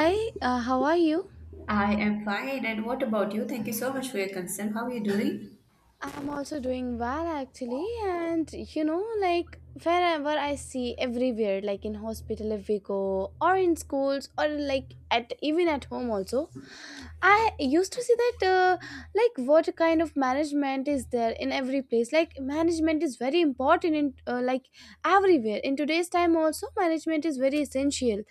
Hi, how are you? I am fine. And what about you? Thank you so much for your concern. How are you doing? I'm also doing well actually, and you know, like wherever I see everywhere, like in hospital if we go, or in schools, or like at even at home also, I used to see that like what kind of management is there in every place. Like management is very important in like everywhere. In today's time also, management is very essential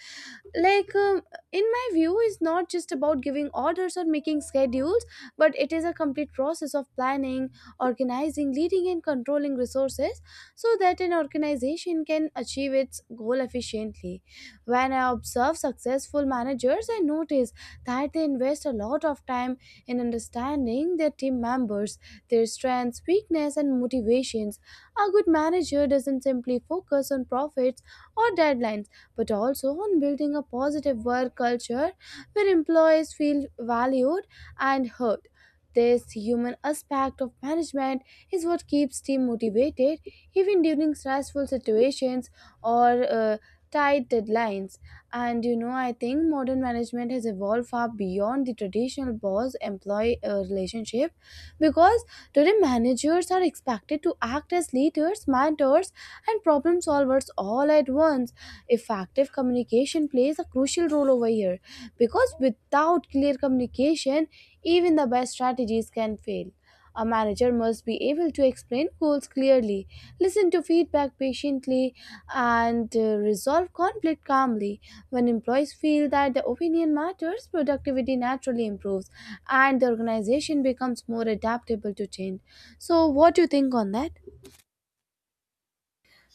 like um, in my view is not just about giving orders or making schedules, but it is a complete process of planning, organizing, leading, and controlling resources so that an organization can achieve its goal efficiently. When I observe successful managers, I notice that they invest a lot of time in understanding their team members, their strengths, weaknesses, and motivations. A good manager doesn't simply focus on profits or deadlines, but also on building a positive work culture where employees feel valued and heard. This human aspect of management is what keeps team motivated even during stressful situations or tight deadlines. And you know, I think modern management has evolved far beyond the traditional boss employee relationship, because today, managers are expected to act as leaders, mentors, and problem solvers all at once. Effective communication plays a crucial role over here because without clear communication, even the best strategies can fail. A manager must be able to explain goals clearly, listen to feedback patiently, and resolve conflict calmly. When employees feel that their opinion matters, productivity naturally improves and the organization becomes more adaptable to change. So, what do you think on that?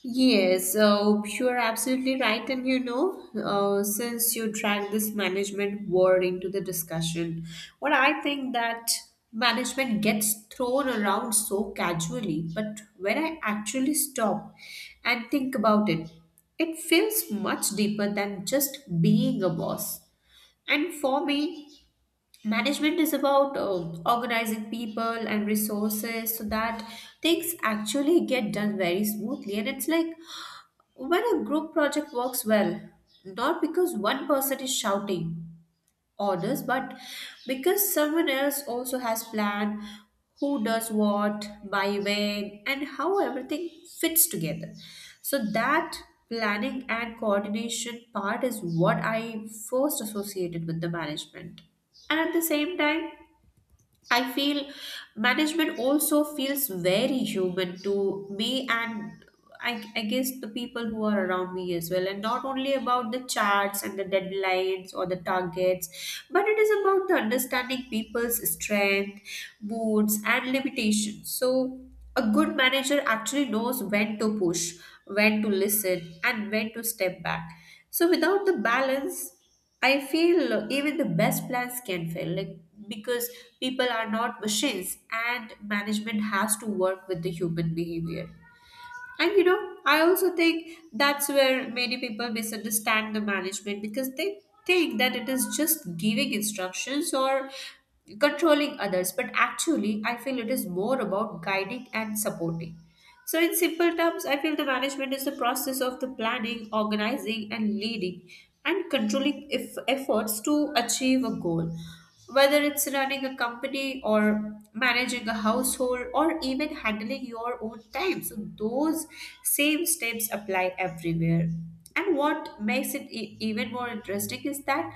Yes, so you're absolutely right. And you know, since you dragged this management word into the discussion, what I think that management gets thrown around so casually, but when I actually stop and think about it, it feels much deeper than just being a boss. And for me, management is about organizing people and resources so that things actually get done very smoothly. And it's like when a group project works well, not because one person is shouting orders, but because someone else also has planned who does what, by when, and how everything fits together. So that planning and coordination part is what I first associated with the management. And at the same time, I feel management also feels very human to me, and I guess the people who are around me as well, and not only about the charts and the deadlines or the targets, but it is about the understanding people's strength, moods, and limitations. So, a good manager actually knows when to push, when to listen, and when to step back. So, without the balance, I feel even the best plans can fail, like because people are not machines and management has to work with the human behavior. And you know, I also think that's where many people misunderstand the management because they think that it is just giving instructions or controlling others. But actually, I feel it is more about guiding and supporting. So, in simple terms, I feel the management is the process of the planning, organizing, and leading and controlling if efforts to achieve a goal. Whether it's running a company or managing a household or even handling your own time. So, those same steps apply everywhere. And what makes it even more interesting is that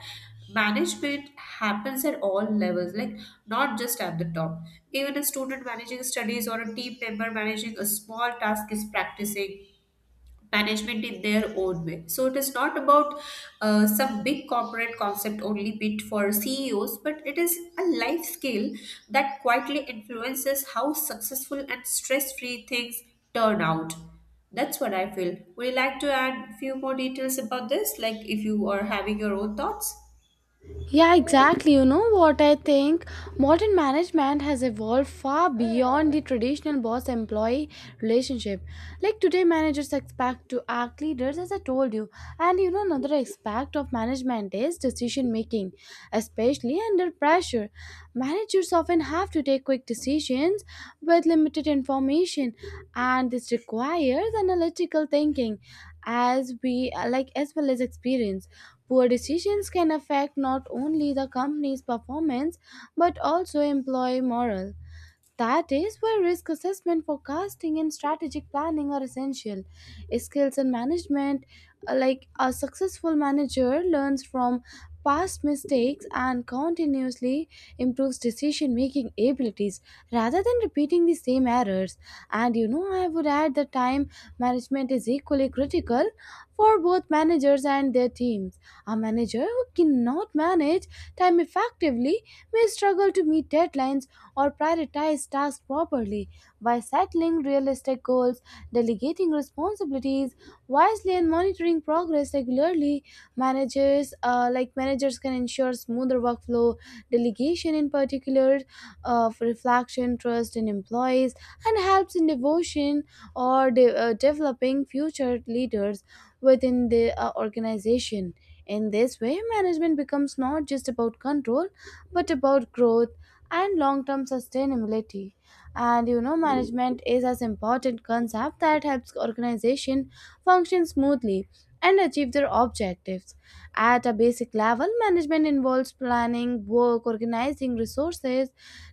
management happens at all levels, like not just at the top. Even a student managing studies or a team member managing a small task is practicing management in their own way. So it is not about some big corporate concept only bit for CEOs, but it is a life skill that quietly influences how successful and stress-free things turn out. That's what I feel. Would you like to add few more details about this? Like if you are having your own thoughts? Yeah, exactly. You know what I think? Modern management has evolved far beyond the traditional boss employee relationship. Like today, managers expect to act leaders, as I told you. And you know, another aspect of management is decision making, especially under pressure. Managers often have to take quick decisions with limited information, and this requires analytical thinking as we like as well as experience. Poor decisions can affect not only the company's performance but also employee morale. That is why risk assessment, forecasting, and strategic planning are essential. Skills in management, like a successful manager, learns from past mistakes and continuously improves decision making abilities rather than repeating the same errors. And you know, I would add that time management is equally critical for both managers and their teams. A manager who cannot manage time effectively may struggle to meet deadlines or prioritize tasks properly. By settling realistic goals, delegating responsibilities wisely, and monitoring progress regularly, managers can ensure smoother workflow, delegation in particular, of reflection, trust in employees, and helps in devotion or developing future leaders within the organization. In this way, management becomes not just about control, but about growth and long-term sustainability. And you know, management is as important concept that helps organization function smoothly and achieve their objectives. At a basic level, management involves planning work, organizing resources,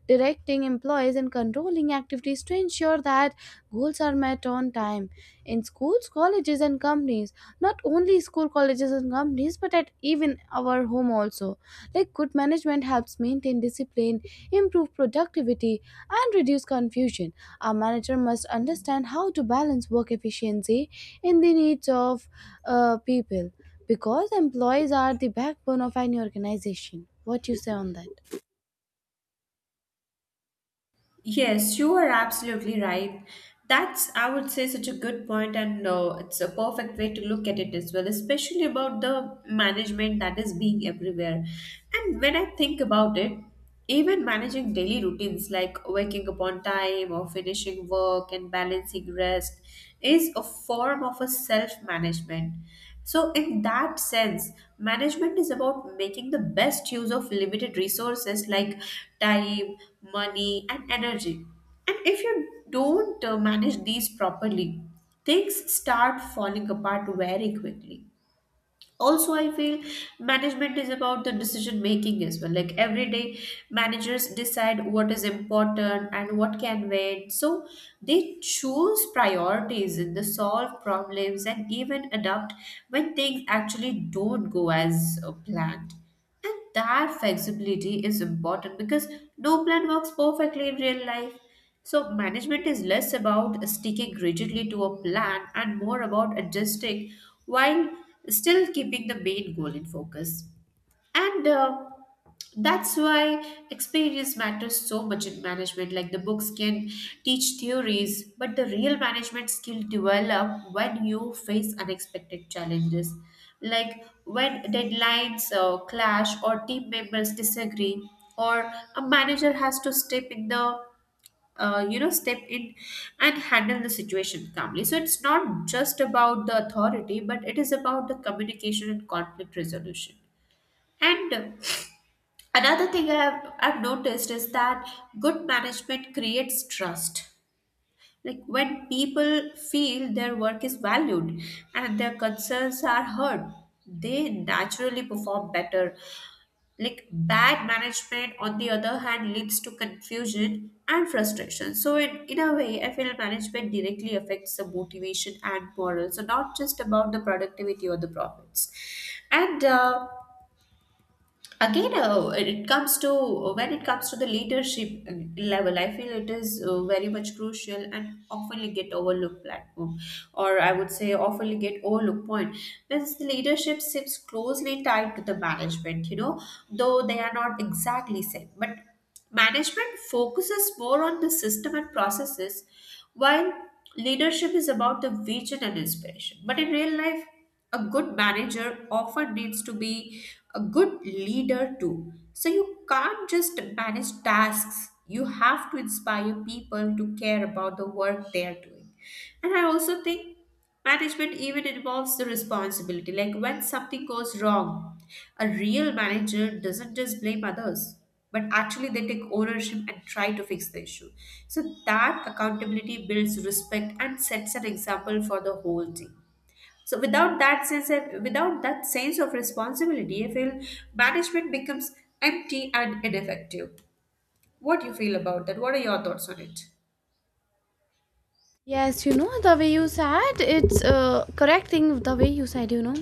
directing employees, and controlling activities to ensure that goals are met on time in schools, colleges, and companies. Not only school, colleges, and companies, but at even our home also, like good management helps maintain discipline, improve productivity, and reduce confusion. A manager must understand how to balance work efficiency in the needs of people, because employees are the backbone of any organization. What you say on that? Yes, you are absolutely right. That's, I would say, such a good point, and it's a perfect way to look at it as well, especially about the management that is being everywhere. And when I think about it, even managing daily routines like waking up on time or finishing work and balancing rest is a form of a self management. So, in that sense, management is about making the best use of limited resources like time, money, and energy. And if you don't manage these properly, things start falling apart very quickly. Also, I feel management is about the decision making as well, like every day managers decide what is important and what can wait, so they choose priorities and they solve problems and even adapt when things actually don't go as planned, and that flexibility is important because no plan works perfectly in real life. So, management is less about sticking rigidly to a plan and more about adjusting while still keeping the main goal in focus. And that's why experience matters so much in management, like the books can teach theories but the real management skill develop when you face unexpected challenges, like when deadlines clash or team members disagree or a manager has to step in and handle the situation calmly. So it's not just about the authority but it is about the communication and conflict resolution. And another thing I've noticed is that good management creates trust. Like when people feel their work is valued and their concerns are heard, they naturally perform better. Like bad management, on the other hand, leads to confusion and frustration. So, in a way, I feel management directly affects the motivation and morale. So, not just about the productivity or the profits. And again it comes to when it comes to the leadership level, I feel it is very much crucial and often get overlooked platform, or I would say often get overlooked point, because the leadership sits closely tied to the management, you know, though they are not exactly same, but management focuses more on the system and processes while leadership is about the vision and inspiration. But in real life a good manager often needs to be a good leader too. So you can't just manage tasks, you have to inspire people to care about the work they are doing. And I also think management even involves the responsibility. Like when something goes wrong, a real manager doesn't just blame others, but actually they take ownership and try to fix the issue. So that accountability builds respect and sets an example for the whole team. So without that sense of, without that sense of responsibility, I feel management becomes empty and ineffective. What do you feel about that? What are your thoughts on it? Yes, you know, the way you said it's correct thing the way you said, you know,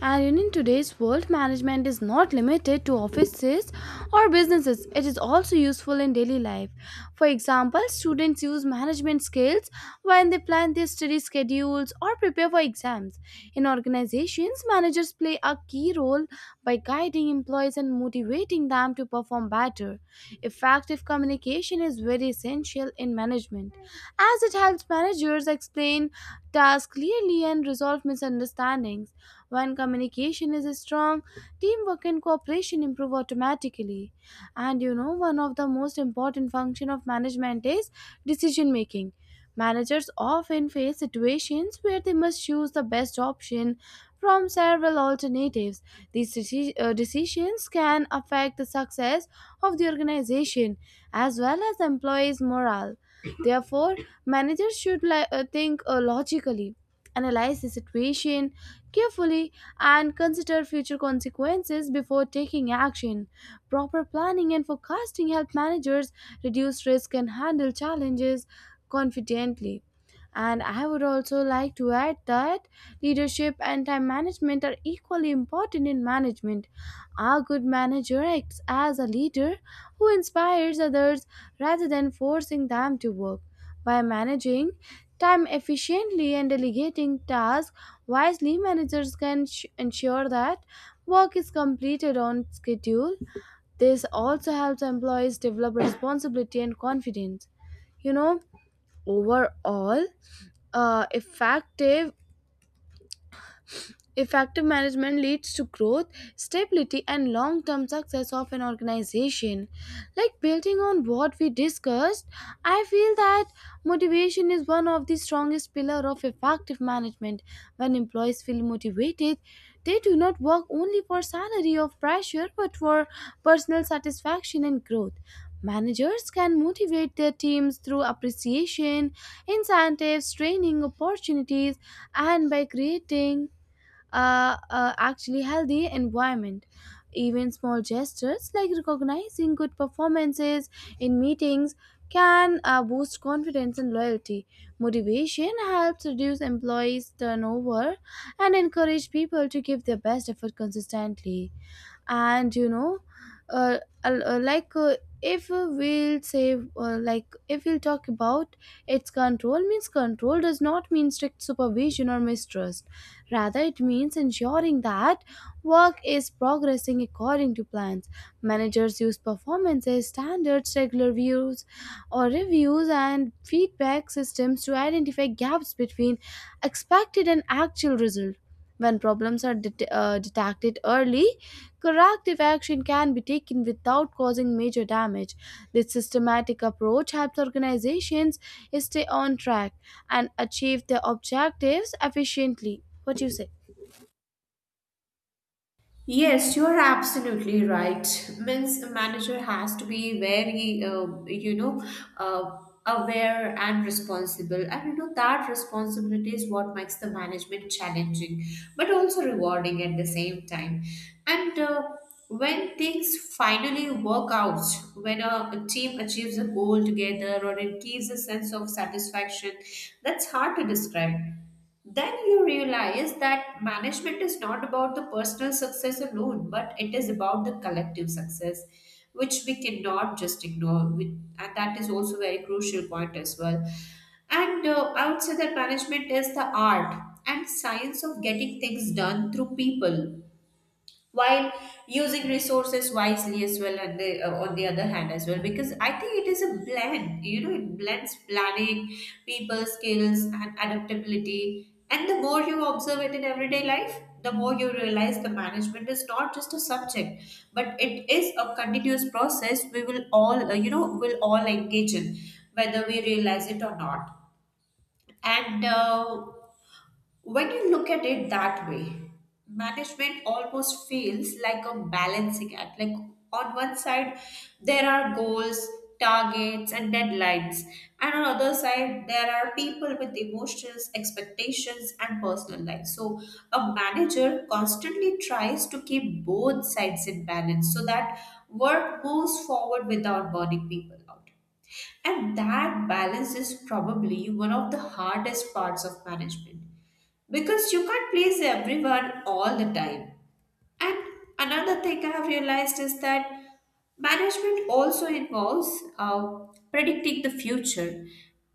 and you know, in today's world, management is not limited to offices or businesses. It is also useful in daily life. For example, students use management skills when they plan their study schedules or prepare for exams. In organizations, managers play a key role by guiding employees and motivating them to perform better. Effective communication is very essential in management as it helps managers explain tasks clearly and resolve misunderstandings. When communication is strong, teamwork and cooperation improve automatically. And you know, one of the most important function of management is decision making. Managers often face situations where they must choose the best option from several alternatives. These decisions can affect the success of the organization as well as the employees' morale. Therefore, managers should think logically, analyze the situation carefully, and consider future consequences before taking action. Proper planning and forecasting help managers reduce risk and handle challenges confidently. And I would also like to add that leadership and time management are equally important in management. A good manager acts as a leader who inspires others rather than forcing them to work. By managing time efficiently and delegating tasks wisely, managers can ensure that work is completed on schedule. This also helps employees develop responsibility and confidence. You know, overall, uh, effective Effective management leads to growth, stability, and long term success of an organization. Like building on what we discussed, I feel that motivation is one of the strongest pillars of effective management. When employees feel motivated, they do not work only for salary or pressure but for personal satisfaction and growth. Managers can motivate their teams through appreciation, incentives, training opportunities, and by creating actually healthy environment. Even small gestures like recognizing good performances in meetings can boost confidence and loyalty. Motivation helps reduce employees' turnover and encourage people to give their best effort consistently. And you know, al- like if we'll say like if we'll talk about its control, means control does not mean strict supervision or mistrust, rather it means ensuring that work is progressing according to plans. Managers use performances standards, regular views or reviews, and feedback systems to identify gaps between expected and actual result. When problems are detected early, corrective action can be taken without causing major damage. This systematic approach helps organizations stay on track and achieve their objectives efficiently. What do you say? Yes, you are absolutely right. Means a manager has to be very, you know, uh, aware and responsible, and you know that responsibility is what makes the management challenging, but also rewarding at the same time. And when things finally work out, when a team achieves a goal together or it gives a sense of satisfaction, that's hard to describe. Then you realize that management is not about the personal success alone, but it is about the collective success, which we cannot just ignore. And that is also a very crucial point as well. And I would say that management is the art and science of getting things done through people while using resources wisely as well, and the, on the other hand as well, because I think it is a blend, you know, it blends planning, people skills and adaptability, and the more you observe it in everyday life the more you realize the management is not just a subject but it is a continuous process we will all will all engage in, whether we realize it or not. And when you look at it that way, management almost feels like a balancing act. Like on one side, there are goals, targets, and deadlines, and on other side, there are people with emotions, expectations, and personal life. So a manager constantly tries to keep both sides in balance so that work moves forward without burning people out. And that balance is probably one of the hardest parts of management because you can't please everyone all the time. And another thing I have realized is that management also involves uh, predicting the future,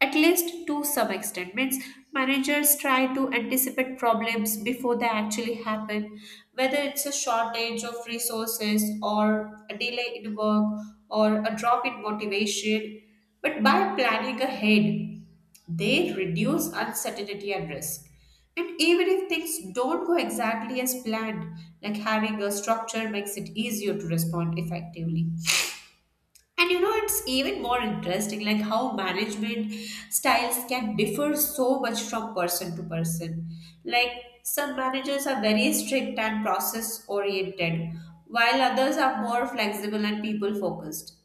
at least to some extent. Means managers try to anticipate problems before they actually happen, whether it's a shortage of resources or a delay in work or a drop in motivation. But by planning ahead, they reduce uncertainty and risk. And even if things don't go exactly as planned, like having a structure makes it easier to respond effectively. And you know, it's even more interesting, like how management styles can differ so much from person to person. Like some managers are very strict and process oriented, while others are more flexible and people focused.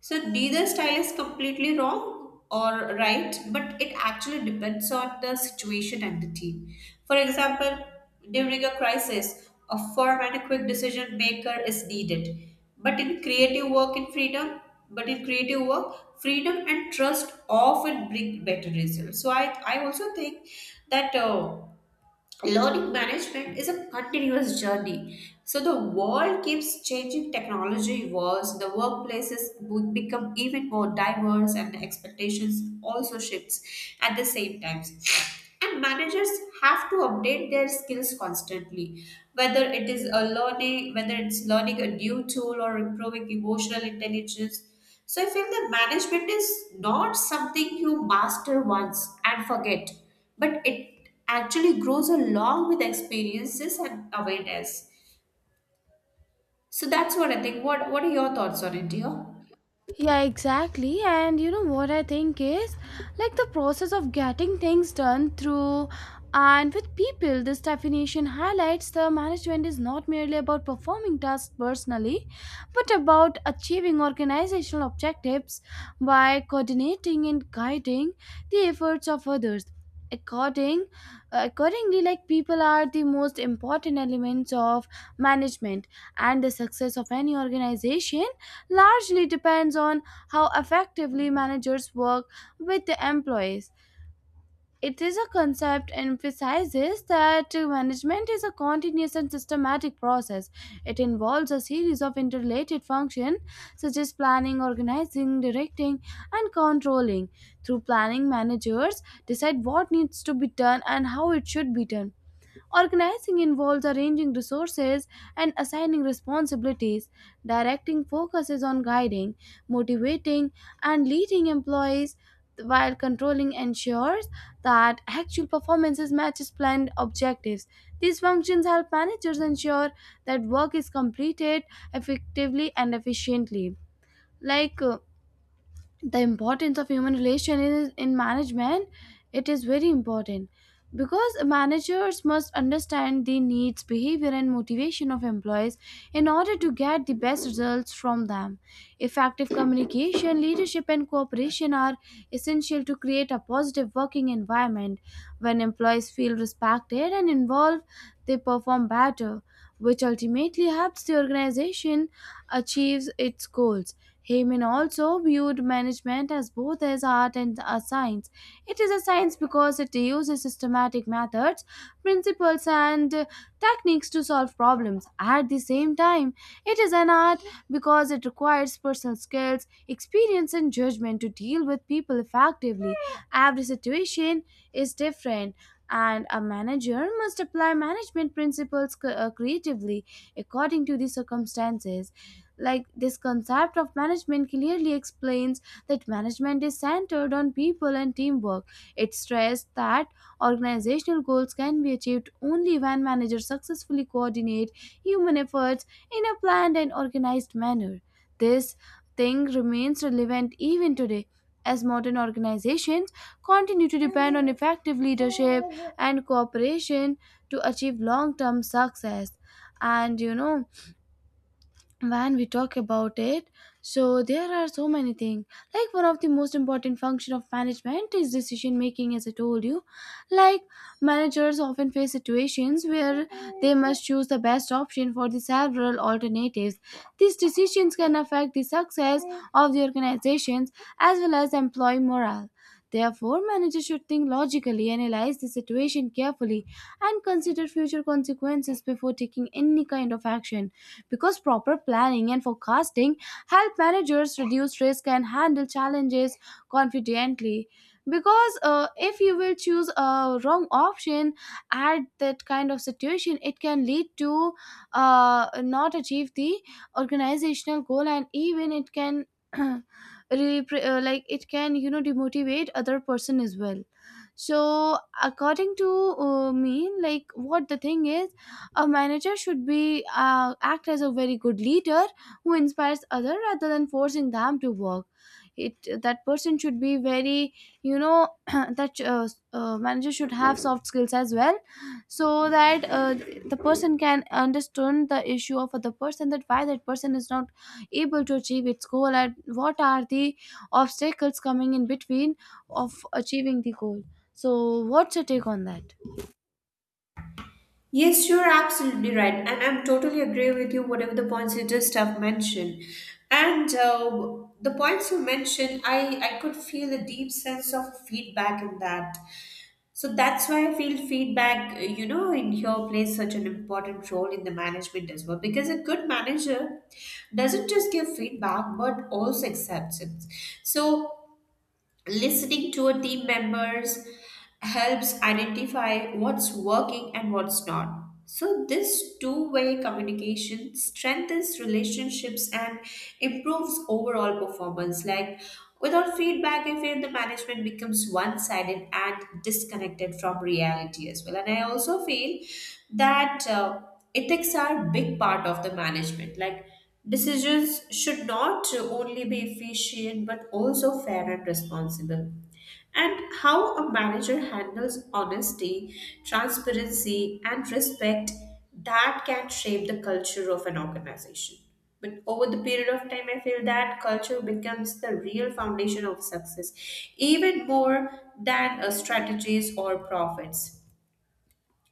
So neither style is completely wrong or right, but it actually depends on the situation and the team. For example, during a crisis, a firm and a quick decision maker is needed. But in creative work in freedom, but in creative work, freedom and trust often bring better results. So I also think that learning management is a continuous journey. So the world keeps changing, technology evolves, the workplaces would become even more diverse, and the expectations also shifts at the same time. And managers have to update their skills constantly, whether it's learning a new tool or improving emotional intelligence. So I feel that management is not something you master once and forget, but it actually grows along with experiences and awareness. So that's what I think. What are your thoughts on it, dear? Yeah, exactly. And you know what I think is like the process of getting things done through and with people. This definition highlights the management is not merely about performing tasks personally, but about achieving organizational objectives by coordinating and guiding the efforts of others. According, Accordingly, like people are the most important elements of management, and the success of any organization largely depends on how effectively managers work with the employees. It is a concept emphasizes that management is a continuous and systematic process. It involves a series of interrelated functions such as planning, organizing, directing, and controlling. Through planning, managers decide what needs to be done and how it should be done. Organizing involves arranging resources and assigning responsibilities. Directing focuses on guiding, motivating, and leading employees, while controlling ensures that actual performances matches planned objectives. These functions help managers ensure that work is completed effectively and efficiently. Like the importance of human relation in management, it is very important, because managers must understand the needs, behavior, and motivation of employees in order to get the best results from them. Effective communication, leadership, and cooperation are essential to create a positive working environment. When employees feel respected and involved, they perform better, which ultimately helps the organization achieves its goals. Heyman also viewed management as both as art and a science. It is a science because it uses systematic methods, principles, and techniques to solve problems. At the same time, it is an art because it requires personal skills, experience, and judgment to deal with people effectively. Every situation is different. And a manager must apply management principles creatively according to the circumstances. Like this concept of management clearly explains that management is centered on people and teamwork. It stressed that organizational goals can be achieved only when managers successfully coordinate human efforts in a planned and organized manner. This thing remains relevant even today, as modern organizations continue to depend on effective leadership and cooperation to achieve long term success. And you know, when we talk about it, so there are so many things, like one of the most important function of management is decision making, as I told you. Like managers often face situations where they must choose the best option for the several alternatives. These decisions can affect the success of the organizations as well as employee morale. Therefore, managers should think logically, analyze the situation carefully, and consider future consequences before taking any kind of action, because proper planning and forecasting help managers reduce risk and handle challenges confidently. Because if you will choose a wrong option at that kind of situation, it can lead to not achieve the organizational goal, and even it can like it can, you know, demotivate other person as well. So according to me, like what the thing is, a manager should be act as a very good leader who inspires other rather than forcing them to work. It that person should be very that manager should have soft skills as well, so that the person can understand the issue of other person, that why that person is not able to achieve its goal and what are the obstacles coming in between of achieving the goal. So, what's your take on that? Yes, you're absolutely right, and I'm totally agree with you. Whatever the points you just have mentioned, and the points you mentioned, I could feel a deep sense of feedback in that. So that's why I feel feedback, you know, in here plays such an important role in the management as well. Because a good manager doesn't just give feedback but also accepts it. So listening to a team members helps identify what's working and what's not. So this two-way communication strengthens relationships and improves overall performance. Like without feedback, I feel the management becomes one-sided and disconnected from reality as well. And I also feel that. Ethics are big part of the management, like decisions should not only be efficient but also fair and responsible, and how a manager handles honesty, transparency, and respect, that can shape the culture of an organization. But over the period of time, I feel that culture becomes the real foundation of success, even more than strategies or profits.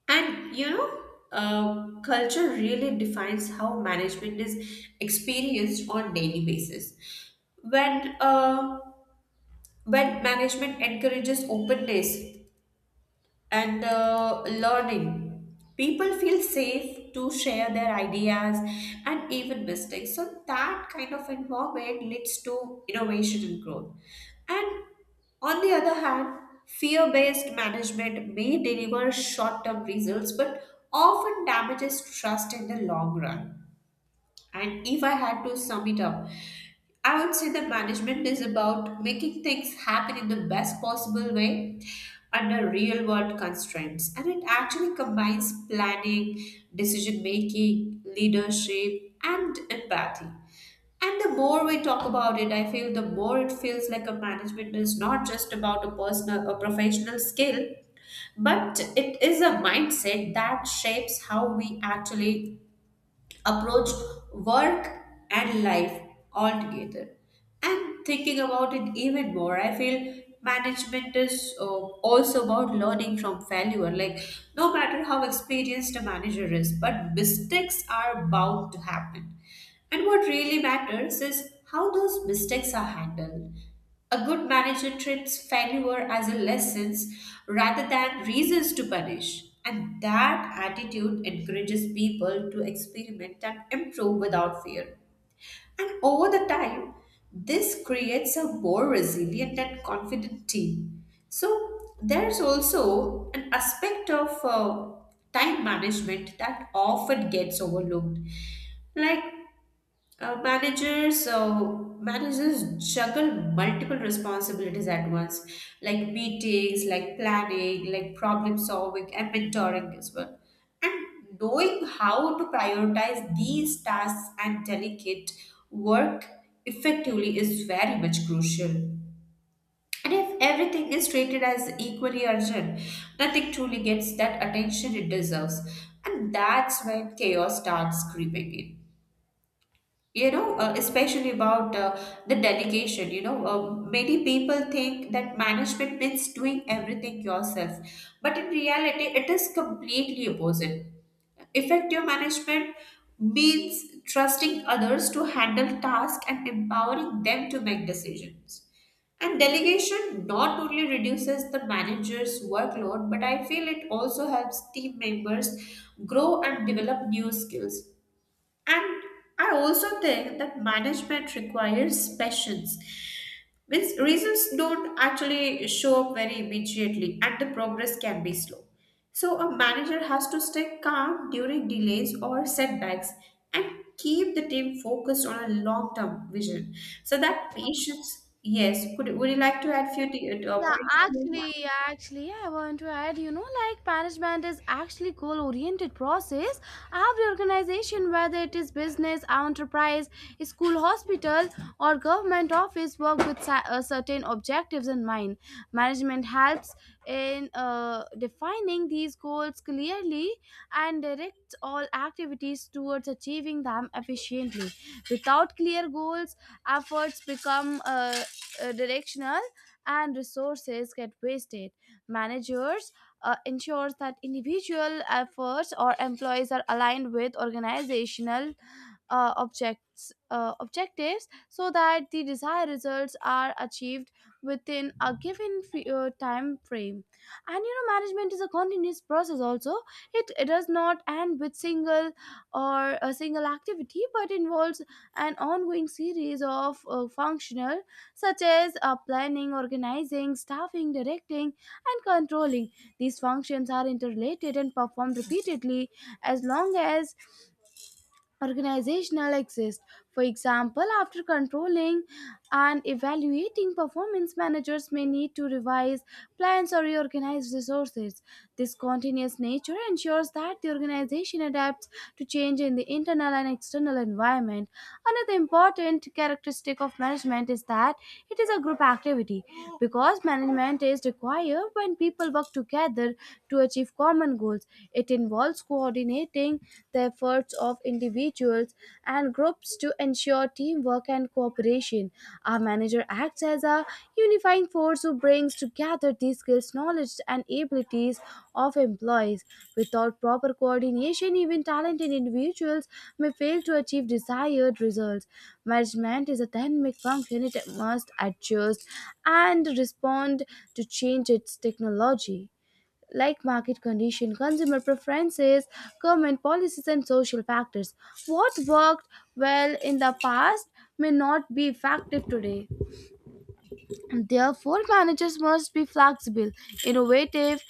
And culture really defines how management is experienced on daily basis. When uh, when management encourages openness and learning. People feel safe to share their ideas and even mistakes. So that kind of environment leads to innovation and growth. And on the other hand, fear based management may deliver short term results but often damages trust in the long run. And if I had to sum it up, I would say that management is about making things happen in the best possible way under real world constraints. And it actually combines planning, decision making, leadership, and empathy. And the more we talk about it, I feel the more it feels like a management is not just about a personal or professional skill, but it is a mindset that shapes how we actually approached work and life altogether. And thinking about it even more, I feel management is also about learning from failure. Like, no matter how experienced a manager is, but mistakes are bound to happen. And what really matters is how those mistakes are handled. A good manager treats failure as a lessons rather than reasons to punish. And that attitude encourages people to experiment and improve without fear. And over the time, this creates a more resilient and confident team. So there's also an aspect of time management that often gets overlooked. Like managers juggle multiple responsibilities at once, like meetings, like planning, like problem solving, and mentoring as well. And knowing how to prioritize these tasks and delegate work effectively is very much crucial. And if everything is treated as equally urgent, nothing truly gets that attention it deserves. And that's when chaos starts creeping in, especially about the delegation. Many people think that management means doing everything yourself, but in reality it is completely opposite. Effective management means trusting others to handle tasks and empowering them to make decisions, and delegation not only reduces the manager's workload, but I feel it also helps team members grow and develop new skills. And I also think that management requires patience. Means results don't actually show up very immediately and the progress can be slow. So a manager has to stay calm during delays or setbacks and keep the team focused on a long-term vision. So that patience, yes. Could would you like to add few Yeah, points? Yeah, I want to add, you know, like management is actually goal-oriented process. Every organization, whether it is business, enterprise, school, hospital, or government office, work with certain objectives in mind. Management helps in defining these goals clearly and directs all activities towards achieving them efficiently. Without clear goals, efforts become directional, and resources get wasted. Managers ensures that individual efforts or employees are aligned with organizational objects objectives, so that the desired results are achieved within a given time frame. And you know, management is a continuous process also. It does not end with single or a single activity, but involves an ongoing series of functional, such as planning, organizing, staffing, directing, and controlling. These functions are interrelated and performed repeatedly as long as organizational exist. For example, after controlling and evaluating performance, managers may need to revise plans or reorganize resources. This continuous nature ensures that the organization adapts to change in the internal and external environment. Another important characteristic of management is that it is a group activity, because management is required when people work together to achieve common goals. It involves coordinating, highlighting the efforts of individuals and groups to ensure teamwork and cooperation. Our manager acts as a unifying force who brings together the skills, knowledge, and abilities of employees. Without proper coordination, even talented individuals may fail to achieve desired results. Management is a dynamic function. It must adjust and respond to change its technology, like market condition, consumer preferences, government policies, and social factors. What worked well in the past may not be effective today. Therefore, managers must be flexible, innovative,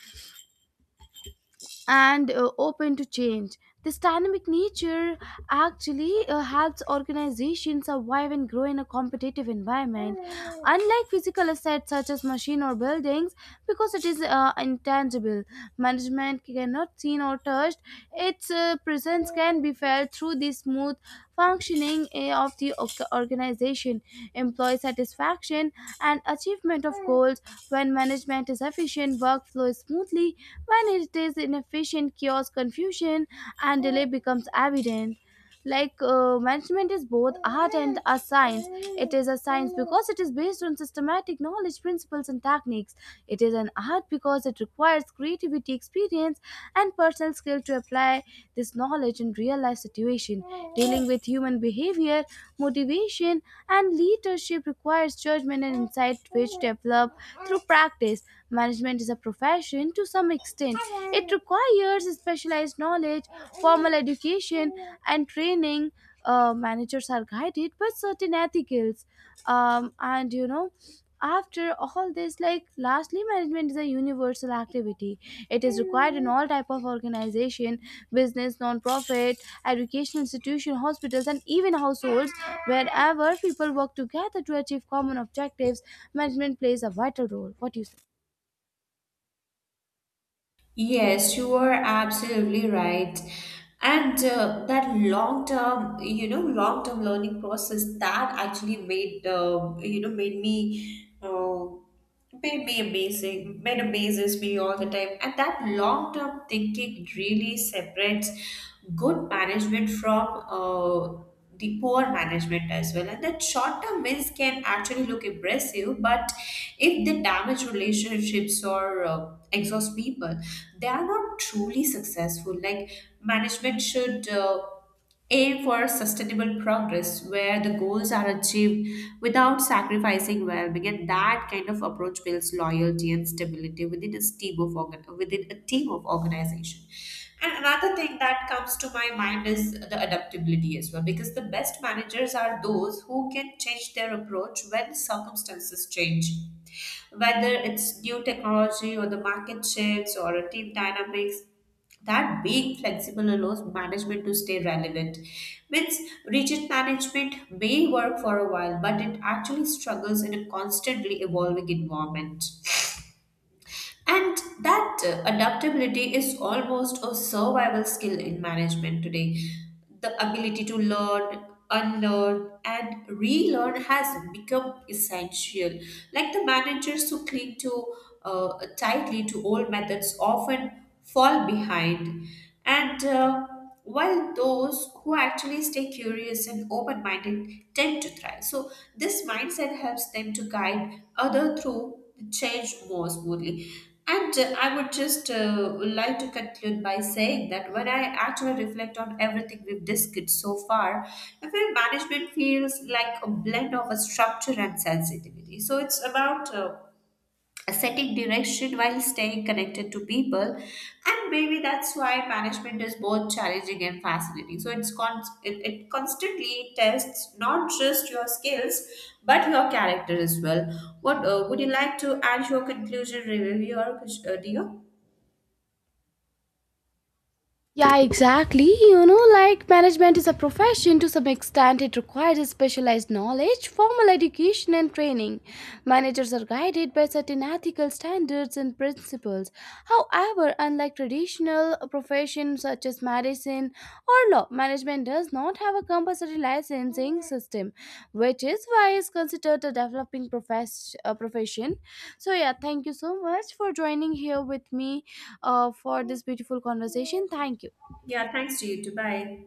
and open to change. This dynamic nature actually helps organizations survive and grow in a competitive environment, unlike physical assets such as machine or buildings, because it is intangible. Management cannot seen or touched. Its presence can be felt through the smooth functioning of the organization, employee satisfaction, and achievement of goals. When management is efficient, workflow is smoothly. When it is inefficient, chaos, confusion, and delay becomes evident. Like management is both art and a science. It is a science because it is based on systematic knowledge, principles, and techniques. It is an art because it requires creativity, experience, and personal skill to apply this knowledge in real life situation. Dealing with human behavior, motivation, and leadership requires judgment and insight, which develop through practice. Management is a profession to some extent. It requires years specialized knowledge, formal education, and training. Managers are guided by certain ethicals. And you know, after all this, like lastly, management is a universal activity. It is required in all type of organization: business, non-profit, educational institution, hospitals, and even households. Wherever people work together to achieve common objectives, management plays a vital role. What do you say? Yes, you are absolutely right. And that long term, long term learning process that actually made, you know, made me amazing, made amazes me all the time. And that long term thinking really separates good management from the poor management as well. And that short term wins can actually look impressive, but if they damage relationships or exhaust people, they are not truly successful. Like management should aim for sustainable progress where the goals are achieved without sacrificing well-being, and that kind of approach builds loyalty and stability within a team of within a team of organization. And another thing that comes to my mind is the adaptability as well, because the best managers are those who can change their approach when circumstances change, whether it's new technology or the market shifts or a team dynamics. That being flexible allows management to stay relevant. Means rigid management may work for a while, but it actually struggles in a constantly evolving environment. And that adaptability is almost a survival skill in management today. The ability to learn, unlearn, and relearn has become essential. Like the managers who cling to tightly to old methods often fall behind. And while those who actually stay curious and open minded tend to thrive. So, this mindset helps them to guide other through the change more smoothly. And I would just like to conclude by saying that when I actually reflect on everything we've discussed so far, event management feels like a blend of a structure and sensitivity. So it's about setting direction while staying connected to people, and maybe that's why management is both challenging and fascinating. So it constantly tests not just your skills but your character as well. What would you like to add your conclusion review or dear? Yeah, exactly. You know, like management is a profession to some extent. It requires specialized knowledge, formal education, and training. Managers are guided by certain ethical standards and principles. However, unlike traditional professions such as medicine or law, management does not have a compulsory licensing system, which is why it's considered a developing profession. So, yeah, thank you so much for joining here with me for this beautiful conversation. Thank you. Yeah, thanks to you too. Bye.